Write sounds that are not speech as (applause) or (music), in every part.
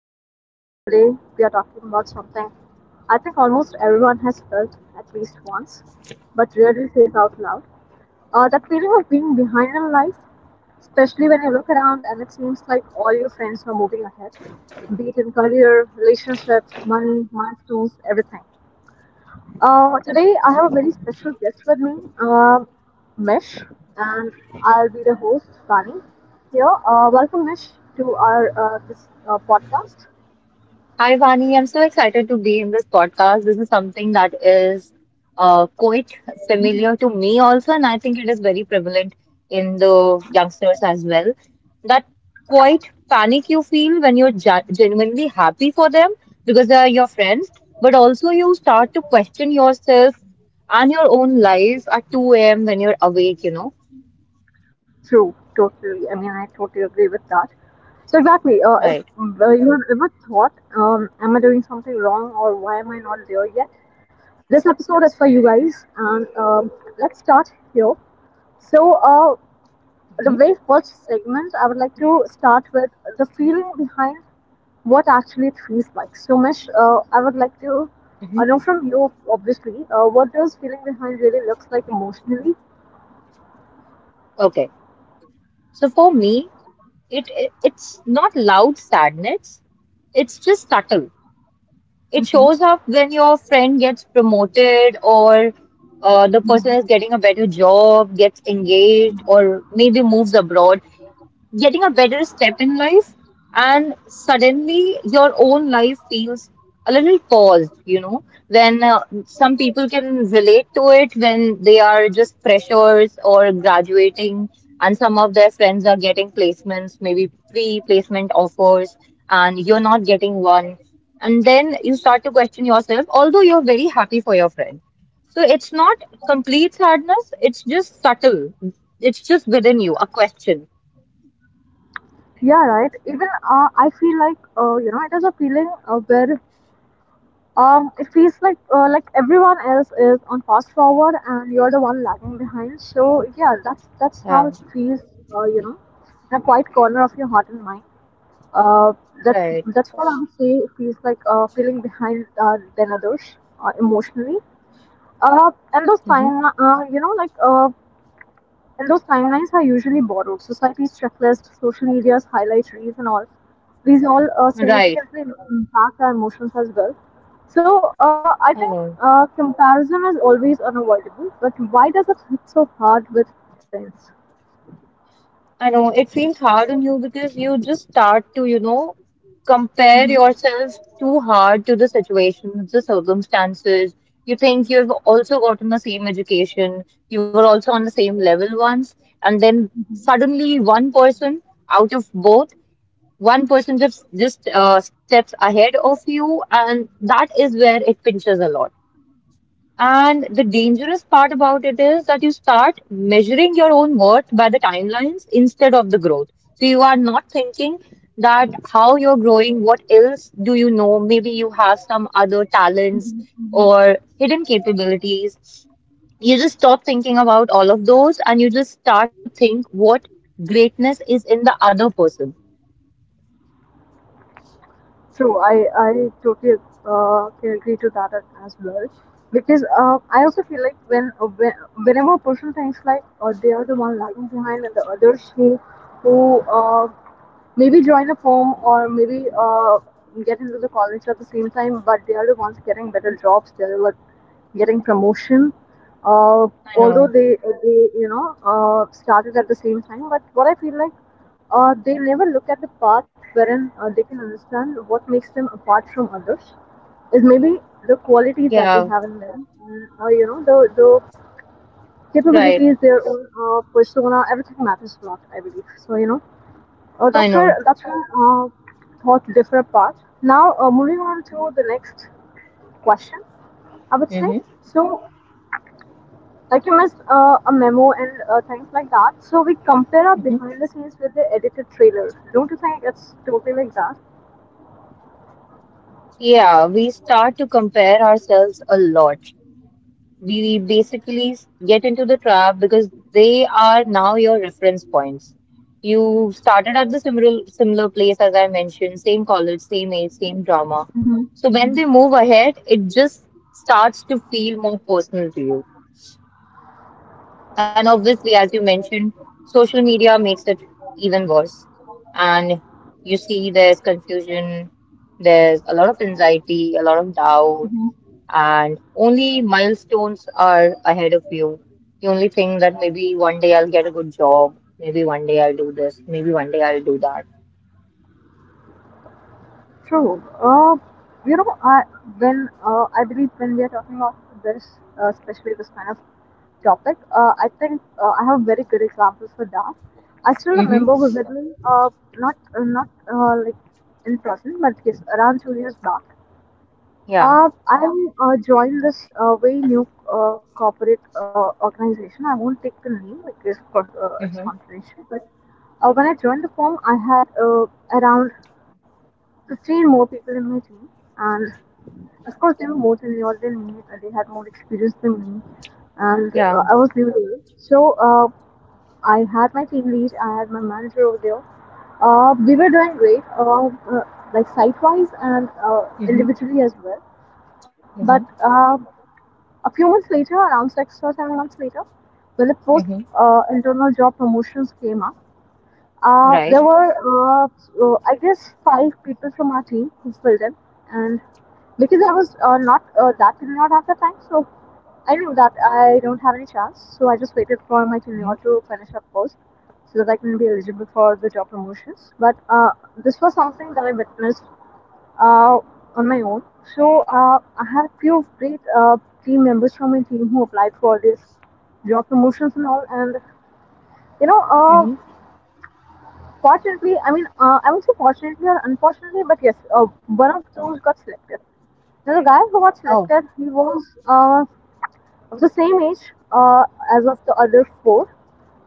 to the podcast. Today we are talking about something I think almost everyone has felt at least once, but rarely says out loud. That feeling of being behind in life, especially when you look around and it seems like all your friends are moving ahead, be it in career, relationships, money, milestones, everything. Today I have a very special guest with me, um, Mish, and I'll be the host, Sunny. Here, welcome Mish to our this podcast. Hi, Vani. I'm so excited to be in this podcast. This is something that is quite familiar to me also, and I think it is very prevalent in the youngsters as well. That quite panic you feel when you're genuinely happy for them because they are your friends, but also you start to question yourself and your own life at 2 a.m. when you're awake, you know? True, totally. I mean, I totally agree with that. So exactly, uh, if Right. uh, you have ever thought, am I doing something wrong or why am I not there yet? This episode is for you guys, and let's start here. So Mhm. the very first segment, I would like to start with the feeling behind what actually it feels like. So, Mesh, I would like to know Mhm. from you, obviously, what does feeling behind really looks like emotionally? Okay. So for me, it's not loud sadness. It's just subtle. It Hmm. shows up when your friend gets promoted, or the person is Mhm. getting a better job, gets engaged, or maybe moves abroad, getting a better step in life. And suddenly your own life feels a little paused. You know, when some people can relate to it when they are just freshers or graduating, and some of their friends are getting placements, maybe pre-placement offers, and you're not getting one. And then you start to question yourself, although you're very happy for your friend. So it's not complete sadness, it's just subtle. It's just within you, a question. Yeah, right. Even I feel like you know it is a feeling where it feels like everyone else is on fast forward and you're the one lagging behind. So yeah, that's Yeah. how it feels. You know, in a quiet corner of your heart and mind. Uh, that Right. that's what I would say. It feels like feeling behind than others emotionally. And those Hmm. time, you know, like, and those timelines are usually borrowed. Society's checklist, social media's highlight reels, and all. These all Right. significantly impact our emotions as well. So I I think know. Comparison is always unavoidable. But why does it hit so hard with friends? I know. It feels hard on you because you just start to compare yourself too hard to the situation, the circumstances. You think you've also gotten the same education, you were also on the same level once, and then Hmm. suddenly one person out of both, one person just steps ahead of you, and that is where it pinches a lot. And the dangerous part about it is that you start measuring your own worth by the timelines instead of the growth. So you are not thinking that how you're growing, what else do you know? Maybe you have some other talents or hidden capabilities. You just stop thinking about all of those and you just start to think what greatness is in the other person. True, I totally can agree to that as well. Because I also feel like when whenever a person thinks like they are the one lagging behind and the others who maybe join a firm or maybe get into the college at the same time, but they are the ones getting better jobs. They are like getting promotion, uh, I although know. they you know started at the same time. But what I feel like, they never look at the path wherein they can understand what makes them apart from others is maybe the qualities that they Yeah, have in them, and you know, the right. capabilities, their own persona, everything matters a lot, I believe. So you know, uh, I that's where know. that's when uh, thought differ apart. Now moving on to the next question, I would say. Hmm. So, like you missed a memo and things like that. So we compare our Hmm. behind the scenes with the edited trailer. Don't you think it's totally like that? Yeah, we start to compare ourselves a lot. We basically get into the trap because they are now your reference points. You started at the similar place as I mentioned, same college, same age, same drama. So when they move ahead, it just starts to feel more personal to you. And obviously, as you mentioned, social media makes it even worse. And you see there's confusion, there's a lot of anxiety, a lot of doubt, and only milestones are ahead of you. You only think that maybe one day I'll get a good job, maybe one day I'll do this, maybe one day I'll do that. True. You know, I, I believe when we are talking about this, especially this kind of topic, I think I have very good examples for that. I still Mm-hmm. remember vividly, not not like in person, but yes, around 2 years back. Yeah. I joined this very new corporate organization. I won't take the name because, of course, it's Mm-hmm. confidential. But when I joined the firm, I had around 15 more people in my team, and of course, they were more tenured than me. They had more experience than me, and Yeah. I was new there. So I had my team lead, I had my manager over there. We were doing great, like site wise and Mm-hmm. individually as well. But Mm-hmm. A few months later, around 6 or 7 months later, when the post Mm-hmm. Internal job promotions came up, uh, Right. there were, uh, I guess, five people from our team who filled in, and because I was not that did not have the time, so I knew that I don't have any chance. So I just waited for my Mm-hmm. junior to finish up post so that I can be eligible for the job promotions. But This was something that I witnessed uh, on my own. So I had a few great team members from my team who applied for this job promotions and all. And you know, Mm-hmm. fortunately, I mean, I would say fortunately or unfortunately, but yes, one of those got selected. There's a guy who got Oh. selected. He was of the same age as of the other four,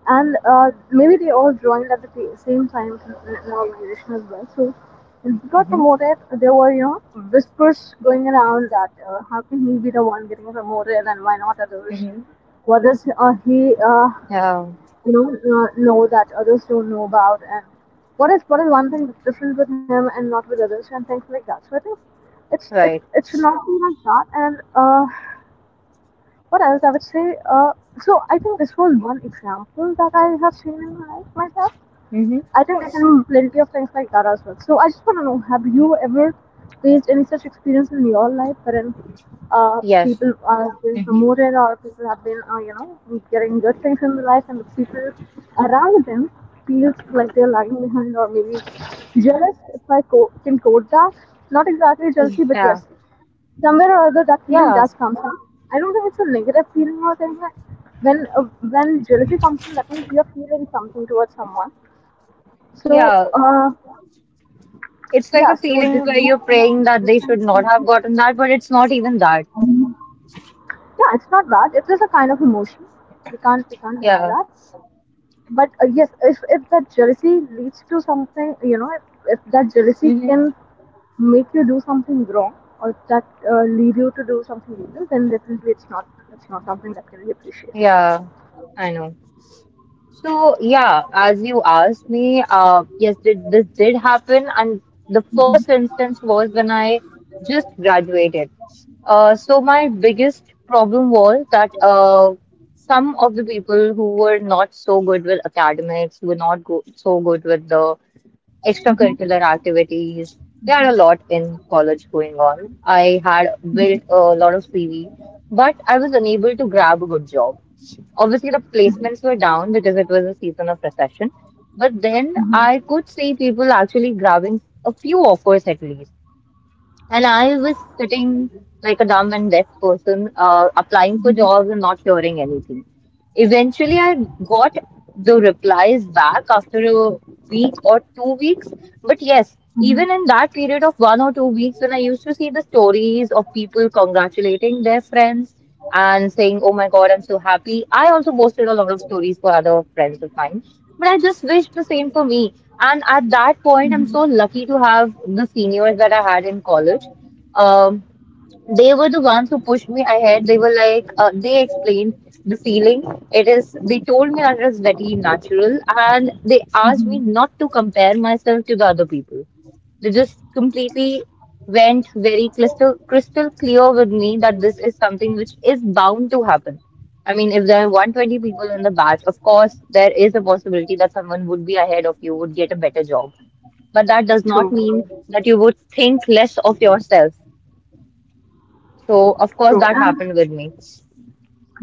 and maybe they all joined at the same time in an organization as well. So when he got Mm-hmm. promoted, there were you know whispers going around that how can he be the one getting promoted and why not others? Mm-hmm. What is he? Yeah. You know that others don't know about, and what is one thing that's different with him and not with others, and things like that. So I think it Right. it should not be like that. And what else I would say? So I think this was one example that I have seen in my life myself. Mm-hmm. I think there can be plenty of things like that as well. So I just want to know, have you ever faced any such experience in your life wherein Yes. people are being Mm-hmm. promoted or people have been, you know, getting good things in their life, and the people around them feels like they're lagging behind, or maybe jealous, if I can quote that. Not exactly jealousy, but Yeah. yes, somewhere or other that feeling Yeah. does come from. I don't think it's a negative feeling or thing. Like when jealousy comes from, that means you're feeling something towards someone. so, Yeah. uh, yeah, It's like a so did feeling you where you're praying this that kind they of should not feeling? have gotten that, but it's not even that. Um, yeah, it's not bad. It is a kind of emotion. We can't deny Yeah. that. But yes, if that jealousy leads to something, you know, if that jealousy Mm-hmm. can make you do something wrong, or if that lead you to do something evil, then definitely it's not something that can be appreciated. Yeah. I know. So yeah, as you asked me, yes, this did happen, and the first instance was when I just graduated. So my biggest problem was that some of the people who were not so good with academics, who were not go so good with the extracurricular activities. We had a lot in college going on. I had built a lot of CV, but I was unable to grab a good job. Obviously, the placements were down because it was a season of recession. But then I Hmm. could see people actually grabbing a few offers at least. And I was sitting like a dumb and deaf person, applying for jobs and not hearing anything. Eventually, I got the replies back after a week or 2 weeks. But yes, even Hmm. in that period of 1 or 2 weeks, when I used to see the stories of people congratulating their friends and saying, "Oh my God, I'm so happy," I also posted a lot of stories for other friends of mine. But I just wish the same for me. And at that point, I'm so lucky to have the seniors that I had in college. Um, they were the ones who pushed me ahead. They were like, they explained the feeling. It is, they told me that it is very natural, and they asked me not to compare myself to the other people. They just completely went very crystal clear with me that this is something which is bound to happen. I mean, if there are 120 people in the batch, of course, there is a possibility that someone would be ahead of you, would get a better job. But that does not True. mean that you would think less of yourself. So, of course, True. that And happened with me.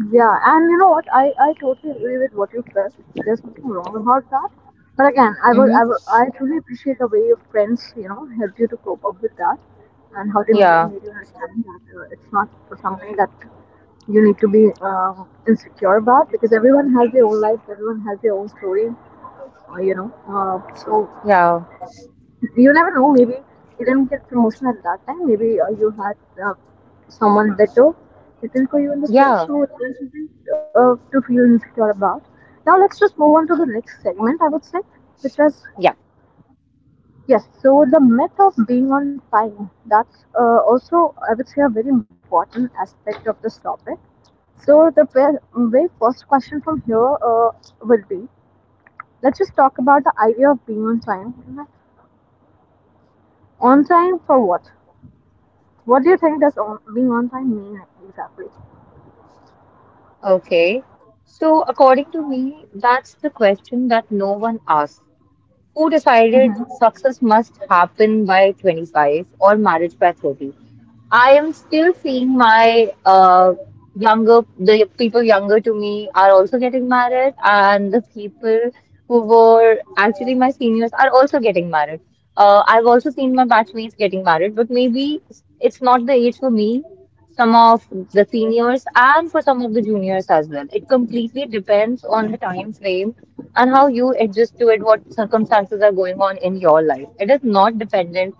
yeah, and you know what? I totally agree with what you said. There's nothing wrong about that. But again, I would, Mm-hmm. I would I truly appreciate the way your friends, you know, helped you to cope up with that, and how they made, Yeah, made you understand that it's not something that you need to be insecure about, because everyone has their own life, everyone has their own story, you know. So yeah, you never know, maybe you didn't get promotion at that time, maybe you had uh, someone better written for you in the store, yeah, so there's nothing to feel insecure about. Now let's just move on to the next segment, I would say, which was yeah. yes. So the myth of being on time, that's also, I would say, a very important aspect of this topic. So very first question from here would be, let's just talk about the idea of being on time. On time for what? What do you think does being on time mean exactly? Okay. So, according to me, that's the question that no one asks. Who decided Mhm. success must happen by 25 or marriage by 30? I am still seeing my the people younger to me are also getting married, and the people who were actually my seniors are also getting married. I've also seen my batchmates getting married, but maybe it's not the age for me, some of the seniors and for some of the juniors as well. It completely depends on the time frame and how you adjust to it, what circumstances are going on in your life. It is not dependent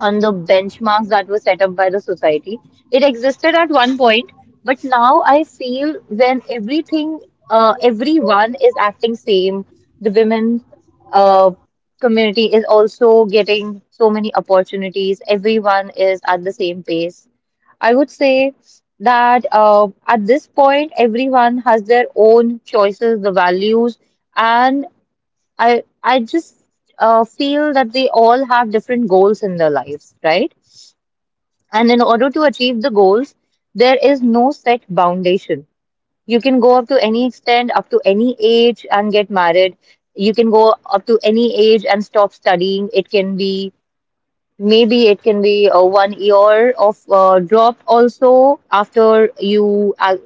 on the benchmarks that were set up by the society. It existed at one point, but now I feel when everyone is acting same, the women uh, community is also getting so many opportunities. Everyone is at the same pace. I would say that at this point, everyone has their own choices, the values, and I just feel that they all have different goals in their lives, right? And in order to achieve the goals, there is no set foundation. You can go up to any extent, up to any age, and get married. You can go up to any age and stop studying. It can be Maybe it can be one year of drop also after you,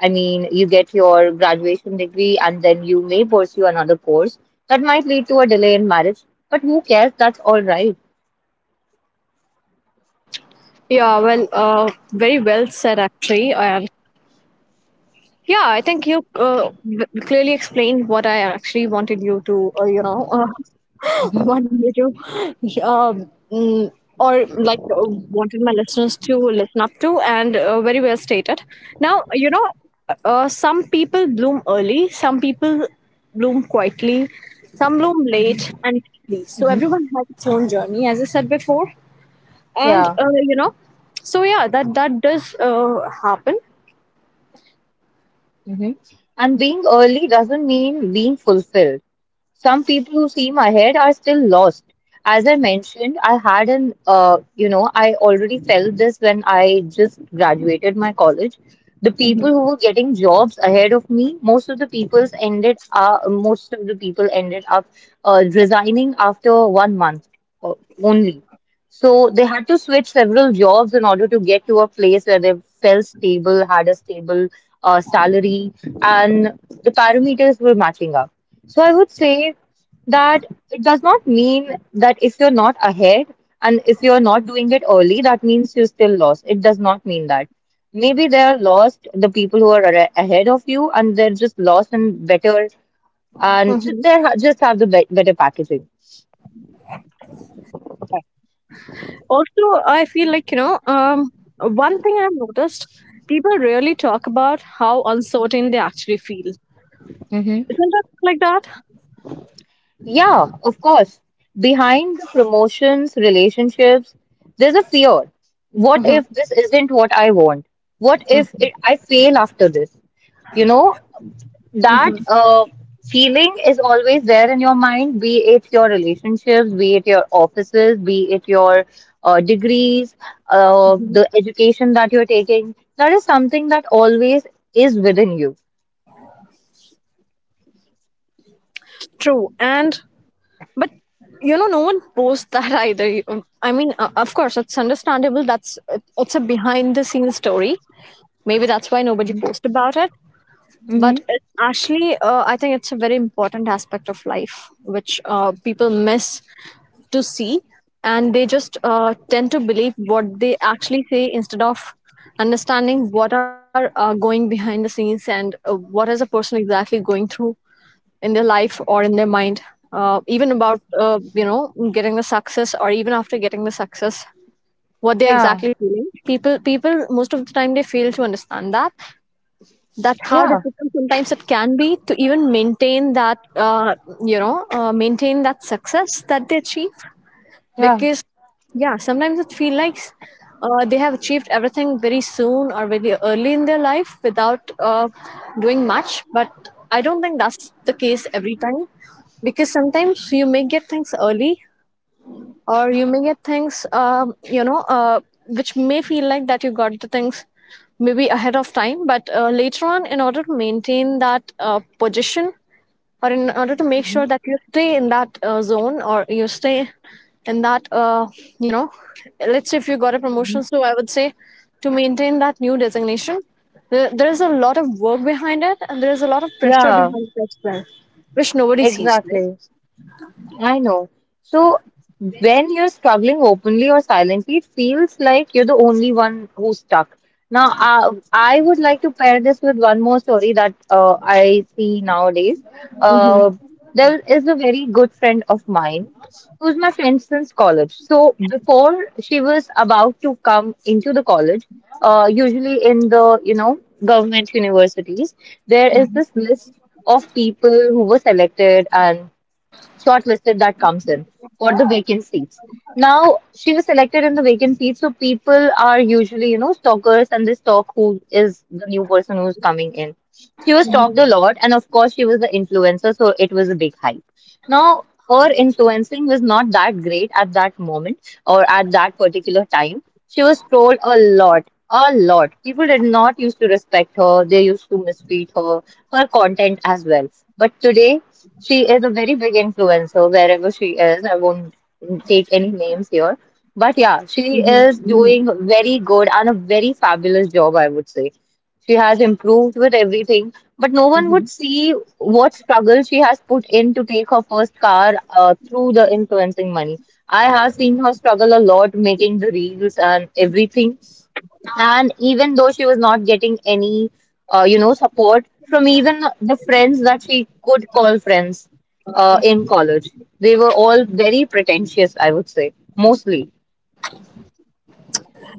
I mean, you get your graduation degree and then you may pursue another course. That might lead to a delay in marriage, but who cares? That's all right. Yeah, well, very well said, actually. And yeah, I think you clearly explained what I actually wanted you to, you know, (laughs) Mm-hmm, wanted you to, (laughs) mm, or like wanted my listeners to listen up to, and very well stated. Now, you know, some people bloom early, some people bloom quietly, some bloom mm-hmm, late and deeply. So mm-hmm. everyone has its own journey, as I said before. and Yeah. uh, you know so yeah, that does happen. Mm-hmm. And being early doesn't mean being fulfilled. Some people who seem ahead are still lost. As I mentioned, I had an, you know, I already felt this when I just graduated my college. The people Hmm. who were getting jobs ahead of me, most of the people ended up resigning after one month uh, only. So they had to switch several jobs in order to get to a place where they felt stable, had a stable salary, and the parameters were matching up. So I would say that it does not mean that if you're not ahead and if you're not doing it early, that means you're still lost. It does not mean that. Maybe they're lost, the people who are ahead of you, and they're just lost and better, and Hmm. they just have the be better packaging. Also, I feel like one thing I've noticed: people rarely talk about how uncertain they actually feel. Isn't it like that? Yeah, of course. Behind the promotions, relationships, there's a fear. What if this isn't what I want? What if it, I fail after this? You know, that feeling is always there in your mind, be it your relationships, be it your offices, be it your degrees, the education that you're taking. That is something that always is within you. True. And but you know, no one posts (laughs) that either. I mean, of course it's understandable, that's it's a behind the scenes story. Maybe that's why nobody Mhm. posts about it. Hmm. But it actually, I think it's a very important aspect of life which people miss to see. And they just tend to believe what they actually say instead of understanding what are going behind the scenes and what is a person exactly going through in their life or in their mind, even about getting the success or even after getting the success, what they're Yeah, exactly feeling. People most of the time, they fail to understand that, that how yeah, difficult sometimes it can be to even maintain that maintain that success that they achieve. yeah. Because yeah, sometimes it feels like they have achieved everything very soon or very early in their life without doing much. But I don't think that's the case every time, because sometimes you may get things early, or you may get things which may feel like that you got the things maybe ahead of time. But later on, in order to maintain that position, or in order to make Mhm. sure that you stay in that zone, or you stay in that you know let's say if you got a promotion, so I would say to maintain that new designation, there is a lot of work behind it, and there is a lot of pressure Yeah. behind it as well, which nobody sees, right? Exactly. I know. So when you're struggling openly or silently, it feels like you're the only one who's stuck. Now, I would like to pair this with one more story that I see nowadays. Mm-hmm, Uh, there is a very good friend of mine who's my friend since college. So before she was about to come into the college, usually in the government universities, there is this list of people who were selected and shortlisted that comes in for the vacant seats. Now she was selected in the vacant seat, so people are usually stalkers and they stalk who is the new person who's coming in. She was stalked a lot, and of course, she was the influencer, so it was a big hype. Now, her influencing was not that great at that moment, or at that particular time, she was trolled a lot, a lot. People did not used to respect her, they used to mistreat her, her content as well. But today, she is a very big influencer wherever she is. I won't take any names here. But yeah, she mm-hmm, is mm-hmm, doing very good and a very fabulous job, I would say. She has improved with everything, but no one mm-hmm. would see what struggle she has put in to take her first car through the influencing money. I have seen her struggle a lot making the reels and everything. And even though she was not getting any, support from even the friends that she could call friends in college, they were all very pretentious, I would say, mostly.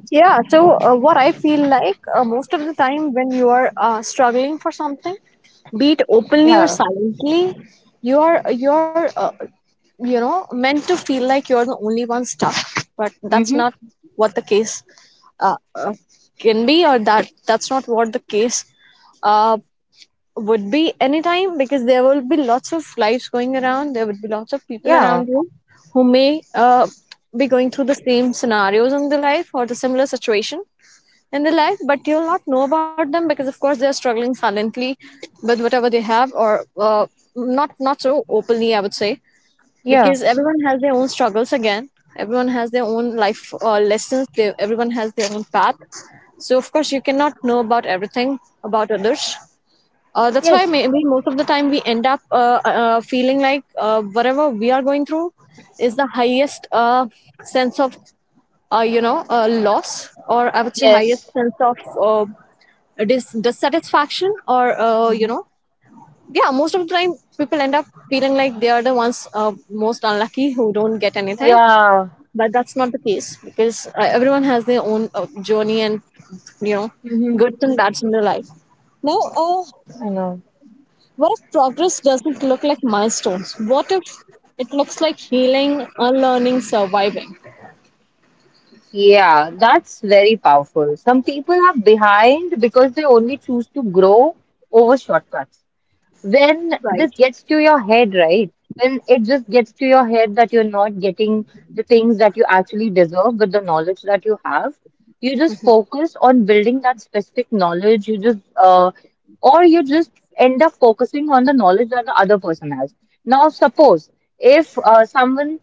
Yeah, so what I feel like, most of the time when you are struggling for something, be it openly or Yeah. silently, you are meant to feel like you are the only one stuck, but that's Mm-hmm. not what the case uh, uh, can be, or that's not what the case uh, would be anytime, because there will be lots of lives going around, there would be lots of people Yeah. around you who may be going through the same scenarios in their life, or the similar situation in their life, but you'll not know about them because of course they're struggling silently with whatever they have, or not so openly, I would say, Yeah. because everyone has their own struggles. Again, everyone has their own life lessons, everyone has their own path. So of course you cannot know about everything about others. That's why Yes. maybe most of the time we end up feeling like whatever we are going through is the highest sense of loss, or I would say highest Yes. sense of dissatisfaction, or Mm-hmm. Yeah, most of the time people end up feeling like they are the ones most unlucky who don't get anything. Yeah. But that's not the case, because everyone has their own journey and you know, Hmm. good and bads in their life. Now, I know. what if progress doesn't look like milestones? What if it looks like healing, unlearning, surviving? Yeah, that's very powerful. Some people are behind because they only choose to grow over shortcuts. When Right. this gets to your head, right? When it just gets to your head that you're not getting the things that you actually deserve with the knowledge that you have, you just focus on building that specific knowledge. You just end up focusing on the knowledge that the other person has. Now, suppose if someone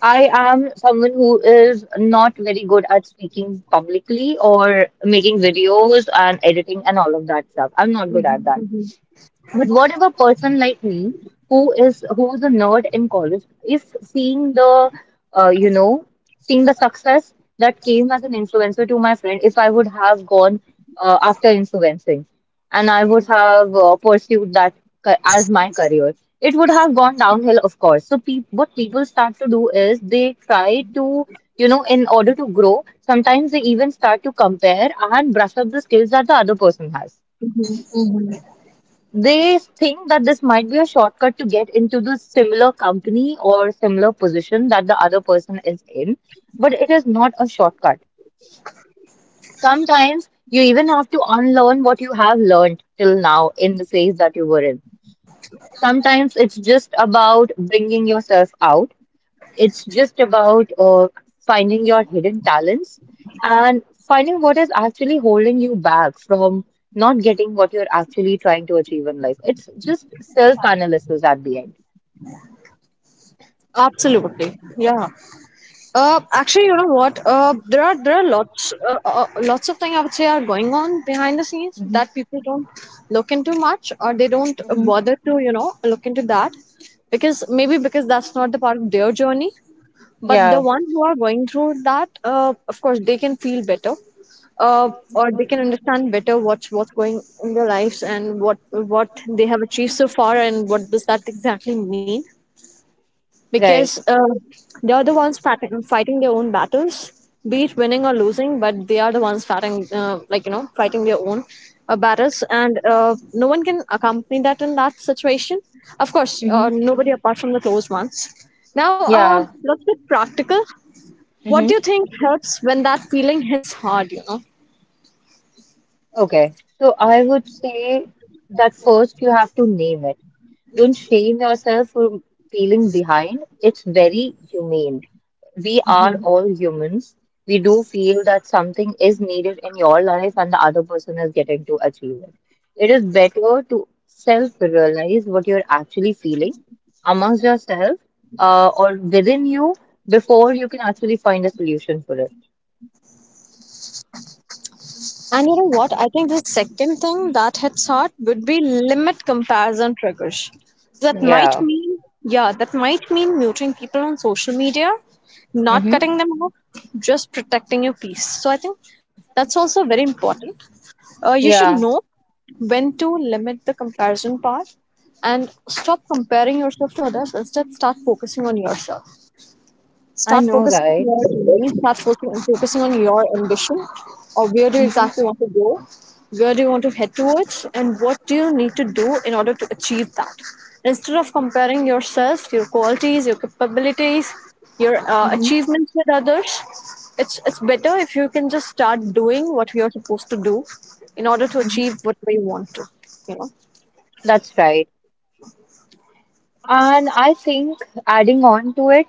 I am someone who is not very good at speaking publicly or making videos and editing and all of that stuff. I'm not good at that. Mhm. But whatever person like me who is who's a nerd in college is seeing the uh, you know seeing the success that came as an influencer to my friend. If I would have gone after influencing and I would have pursued as my career, it would have gone downhill, of course. So peop what people start to do is they try to, you know, in order to grow, sometimes they even start to compare and brush up the skills that the other person has. They think that this might be a shortcut to get into the similar company or similar position that the other person is in, but it is not a shortcut. Sometimes you even have to unlearn what you have learned till now in the phase that you were in. Sometimes it's just about bringing yourself out. It's just about finding your hidden talents and finding what is actually holding you back from not getting what you're actually trying to achieve in life. It's just self-analysis at the end. Absolutely. Yeah. Actually, you know what? There are lots lots of things, I would say, are going on behind the scenes Hmm. that people don't look into much, or they don't Hmm. bother to, you know, look into that, because maybe because that's not the part of their journey. But the Yeah, one who are going through that, of course they can feel better, uh, or they can understand better what's going in their lives, and what they have achieved so far, and what does that exactly mean, because right. They are the ones fighting, fighting their own battles, be it winning or losing, but they are the ones fighting, like you know, fighting their own battles, and no one can accompany that in that situation, of course, Hmm. nobody apart from the closed ones. Now Yeah. let's get practical. What do you think helps when that feeling hits hard, you know? Okay, so I would say that first you have to name it. Don't shame yourself for feeling behind. It's very humane. We are all humans. We do feel that something is needed in your life and the other person is getting to achieve it. It is better to self-realize what you're actually feeling amongst yourself, or within you before you can actually find a solution for it. And you know what? I think the second thing that hits hard would be limit comparison triggers. So that might Yeah. mean, yeah, that might mean muting people on social media, not Mm-hmm. cutting them off, just protecting your peace. So I think that's also very important. You should Yeah, know when to limit the comparison part and stop comparing yourself to others. Instead, start focusing on yourself. I Start know, focusing on right? your dream, start focusing on your ambition, or where do you Hmm. exactly want to go, where do you want to head towards, and what do you need to do in order to achieve that. Instead of comparing yourself, your qualities, your capabilities, your Hmm. achievements with others, it's better if you can just start doing what you're supposed to do in order to achieve Hmm. whatever you want to, you know. That's right. And I think, adding on to it,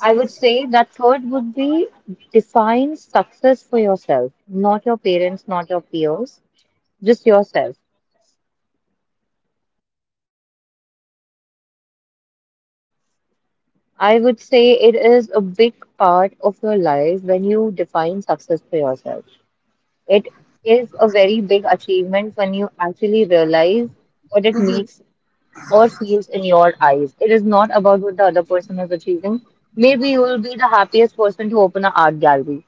I would say that third would be define success for yourself, not your parents, not your peers, just yourself. I would say it is a big part of your life when you define success for yourself. It is a very big achievement when you actually realize what it means or feels in your eyes. It is not about what the other person is achieving. Maybe you will be the happiest person to open an art gallery,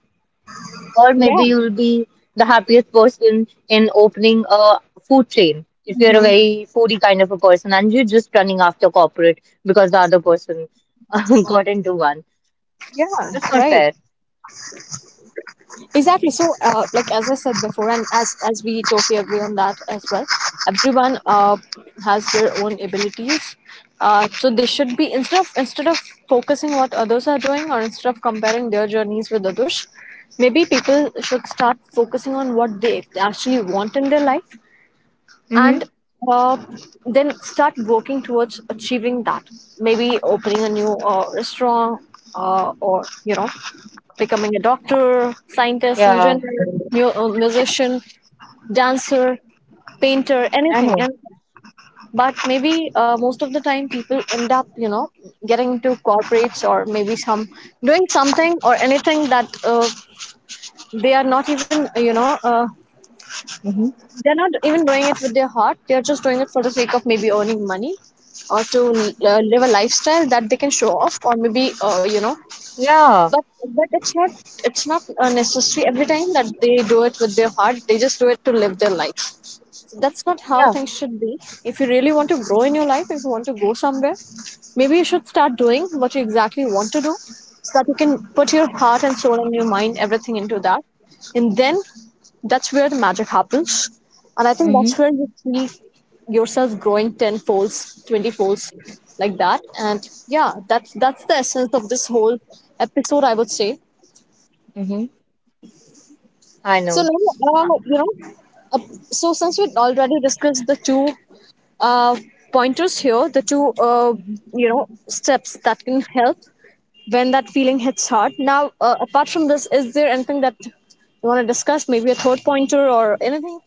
or Yeah, maybe you will be the happiest person in opening a food chain. If you're a very foodie kind of a person and you're just running after corporate because the other person (laughs) got into one, yeah, that's not right. fair. Exactly. So, like as I said before, and as we totally agree on that as well, everyone has their own abilities. So they should be, instead of focusing what others are doing, or instead of comparing their journeys with others, maybe people should start focusing on what they actually want in their life, Hmm. and uh, then start working towards achieving that. Maybe opening a new restaurant, or you know, becoming a doctor, scientist, Yeah, engineer, musician, dancer, painter, I anything. know. And, but maybe most of the time people end up, you know, getting into corporates, or maybe some doing something or anything that they are not even, you know, Hmm. they're not even doing it with their heart. They're just doing it for the sake of maybe earning money, or to live a lifestyle that they can show off, or maybe, you know, Yeah, but but it's not, it's not necessary every time that they do it with their heart. They just do it to live their life. So that's not how yeah. things should be. If you really want to grow in your life, if you want to go somewhere, maybe you should start doing what you exactly want to do, so that you can put your heart and soul and your mind, everything into that, and then that's where the magic happens. And I think Hmm. that's where you see yourself growing 10 folds, 20 folds, like that. And yeah, that's the essence of this whole episode, I would say. Hmm. I So know. now, uh, so since we already discussed the two uh, pointers here, the two steps that can help when that feeling hits hard. Now, apart from this, is there anything that you want to discuss? Maybe a third pointer or anything?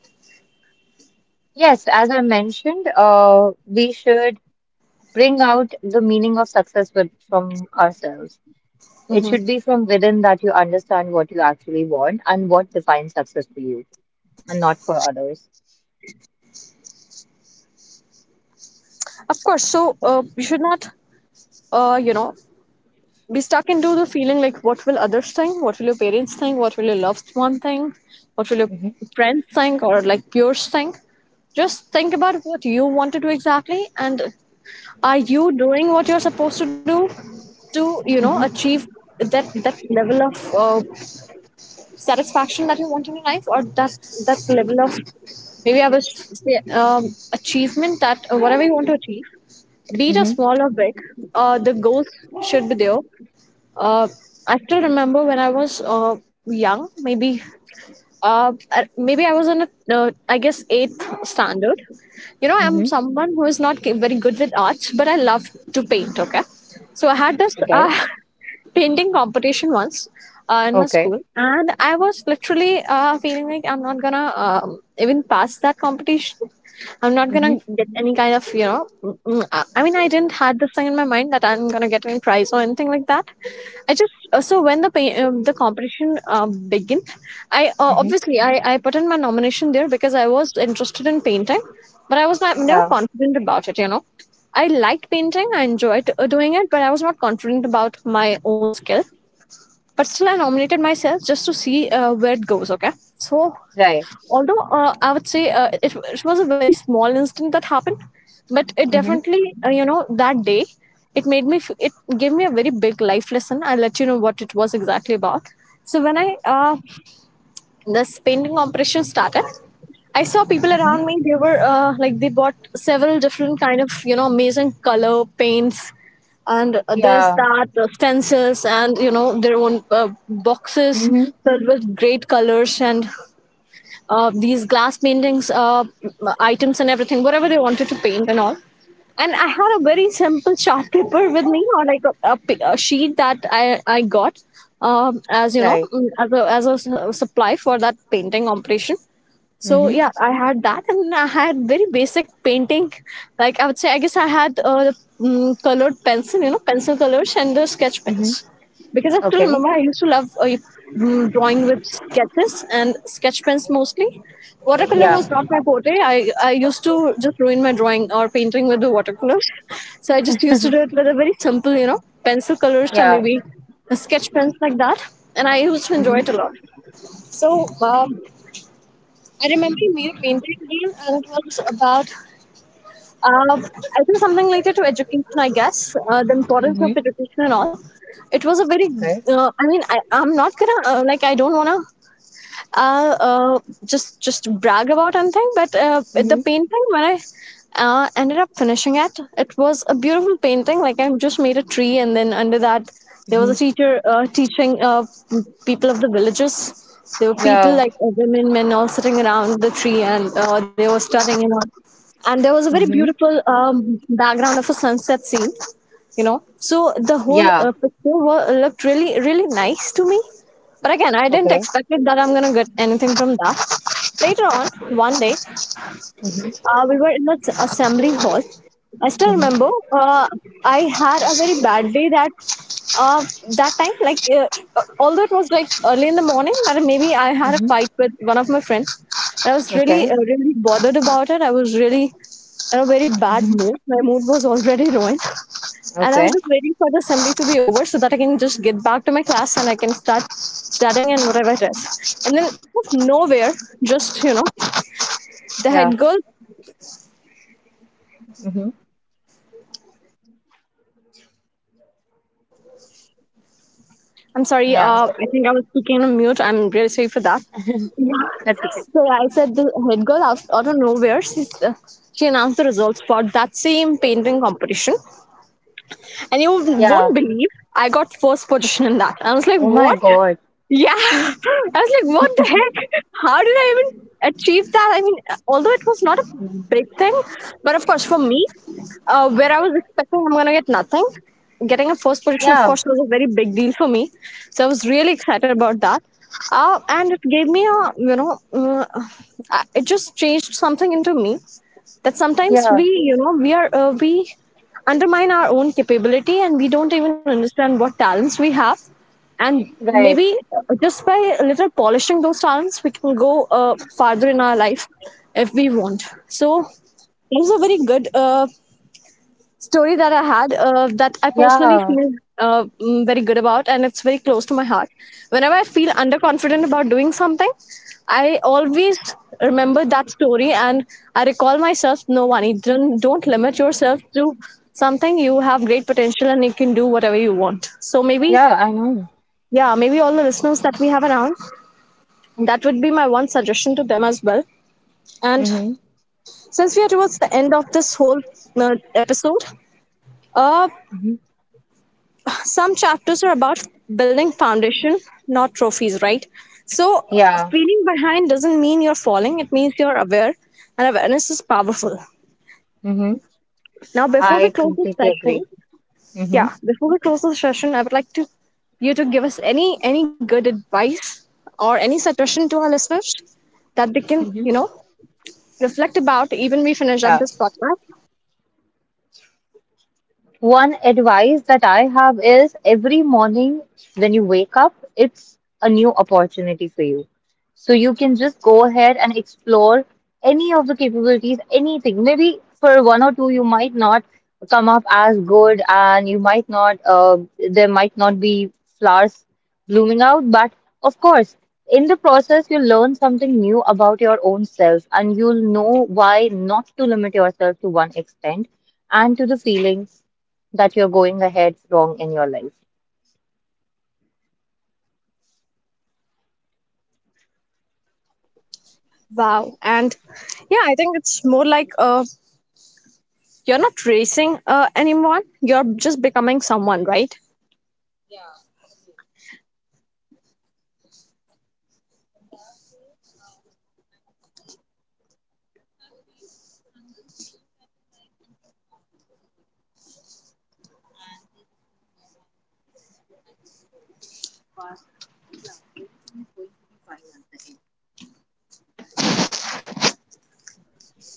Yes, as I mentioned, we should bring out the meaning of success with, from ourselves. It should Mm-hmm. be from within that you understand what you actually want and what defines success for you and not for others. Of course. So you should not, you know, be stuck into the feeling like what will others think, what will your parents think, what will your loved one think, what will your Hmm. friends think, or like peers think. Just think about what you want to do exactly, and are you doing what you're supposed to do to, you know, Hmm. achieve that that level of satisfaction that you want in your life, or that that level of maybe I was say, achievement that whatever you want to achieve, be it a Hmm. small or big, the goals should be there. Uh, I still remember when I was young, maybe maybe I was in a, I guess eighth standard. You know, I'm Hmm. someone who is not very good with arts, but I love to paint. Okay, so I had this Okay. (laughs) Painting competition once in my Okay. school, and I was literally feeling like I'm not gonna even pass that competition. I'm not Hmm. gonna get any kind of, you know. I mean, I didn't had this thing in my mind that I'm gonna get any prize or anything like that. I just so when the the competition began, I Hmm. obviously I put in my nomination there because I was interested in painting, but I was not never Yeah. confident about it. You know, I liked painting, I enjoyed doing it, but I was not confident about my own skill. But still, I nominated myself just to see where it goes. Okay, so Right. although I would say, it was a very small incident that happened, but it Hmm. definitely, you know, that day it it gave me a very big life lesson. I'll let you know what it was exactly about. So when I this painting operation started, I saw people Hmm. around me. They were, like, they bought several different kind of, you know, amazing color paints and this Yeah. that, the stencils, and you know, their own boxes Hmm. filled with great colors, and these glass paintings, items, and everything, whatever they wanted to paint and all. And I had a very simple chart paper with me, or like a sheet that I got as you know, Right. As a, supply for that painting operation. So Hmm. yeah, I had that, and I had very basic painting. Like I would say, I guess I had colored pencil, you know, pencil colors and the sketch Hmm. pens, because I still Okay. remember I used to love drawing with sketches and sketch pens mostly. Watercolor Yeah. was not my forte. I used to just ruin my drawing or painting with the watercolors. (laughs) So I just used to do it with a very simple, pencil colors or Yeah. maybe a sketch pens like that. And I used to enjoy Hmm. it a lot. So um, I remember we made a painting there, and it was about I think something related to education, I guess, the importance of Hmm. education and all. It was a very, Okay. I mean, I'm not gonna, like, I don't wanna just brag about anything, but Hmm. the painting, when I ended up finishing it, it was a beautiful painting. Like, I just made a tree, and then under that there was a Hmm. teacher teaching people of the villages. There were people Yeah. like women, men, all sitting around the tree, and they were studying and all. And there was a very Hmm. beautiful background of a sunset scene, you know, so the whole Yeah. Looked really, really nice to me. But again, I didn't Okay. expect it, that I'm gonna get anything from that. Later on one day, Hmm. We were in the assembly hall, I still Hmm. remember. uh, I had a very bad day that uh, that time, like, although it was like early in the morning, or maybe I had a Hmm. fight with one of my friends. I was really Okay. Really bothered about it. I was really in a very bad Mm-hmm. mood. My mood was already ruined, and I was Okay. just waiting for the assembly to be over so that I can just get back to my class and I can start studying and whatever it is. And then out of nowhere, just, you know, the Yeah. head girl. Mm-hmm. I'm sorry. Yeah. I think I was speaking on mute. I'm really sorry for that. That's okay. So I said, the head girl, out of nowhere, she she announced the results for that same painting competition. And you Yeah. won't believe, I got first position in that. I was like, Oh my what? God. Yeah. (laughs) I was like, what the heck? How did I even achieve that? I mean, although it was not a big thing, but of course, for me, where I was expecting I'm going to get nothing, getting a first position, of Yeah. course, was a very big deal for me. So I was really excited about that. And it gave me a, it just changed something into me, that sometimes Yeah. we, you know, we are, we undermine our own capability and we don't even understand what talents we have. And maybe Right. Just by a little polishing those talents, we can go farther in our life if we want. So that was a very good story that I had, that I personally Yeah. feel very good about, and it's very close to my heart. Whenever I feel underconfident about doing something, I always remember that story, and I recall myself. No, Vani, don't limit yourself to something. You have great potential, and you can do whatever you want. So maybe, Yeah. I know. yeah, maybe all the listeners that we have around, that would be my one suggestion to them as well. And Mm-hmm. since we are towards the end of this whole episode, uh, Mm-hmm. some chapters are about building foundation, not trophies, right? So Yeah. feeling behind doesn't mean you're falling, it means you're aware, and awareness is powerful. Mm-hmm. Now before we I close this completely session, agree. Mm-hmm. yeah, before we close this session, I would like to you to give us any good advice or any suggestion to our listeners that they can, Mm-hmm. you know, reflect about even we finish up Yeah. this podcast. One advice that I have is every morning when you wake up, it's a new opportunity for you. So you can just go ahead and explore any of the capabilities, anything. Maybe for one or two, you might not come up as good and you might not, there might not be flowers blooming out. But of course, in the process, you'll learn something new about your own self and you'll know why not to limit yourself to one extent and to the feelings that you're going ahead wrong in your life. Wow. And yeah, I think it's more like a, you're not racing anyone, you're just becoming someone, right?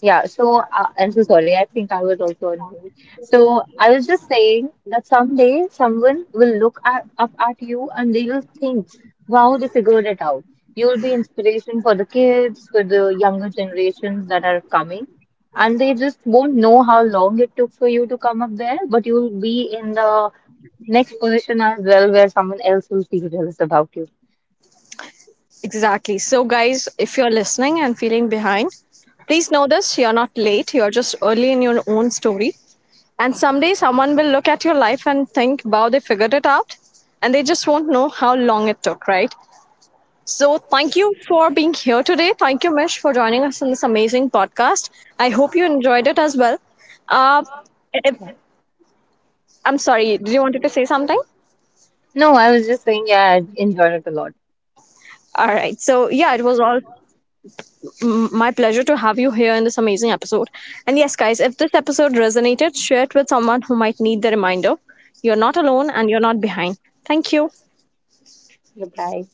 Yeah, so I'm so sorry. I think I was also on mute. So I was just saying that someday someone will look at, up at you and they will think, wow, they figured it out. You will be inspiration for the kids, for the younger generations that are coming. And they just won't know how long it took for you to come up there, but you will be in the next position as well where someone else will feel jealous about you. Exactly. So guys, if you're listening and feeling behind, please know this: you're not late, you're just early in your own story. And someday someone will look at your life and think, wow, they figured it out. And they just won't know how long it took, right? So thank you for being here today. Thank you, Mish, for joining us in this amazing podcast. I hope you enjoyed it as well. Uh, if, Yeah. I'm sorry, did you wanted to say something? No, I was just saying, yeah, I enjoyed it a lot. All right. So yeah, it was all my pleasure to have you here in this amazing episode. And yes, guys, if this episode resonated, share it with someone who might need the reminder. You're not alone, and you're not behind. Thank you. Goodbye.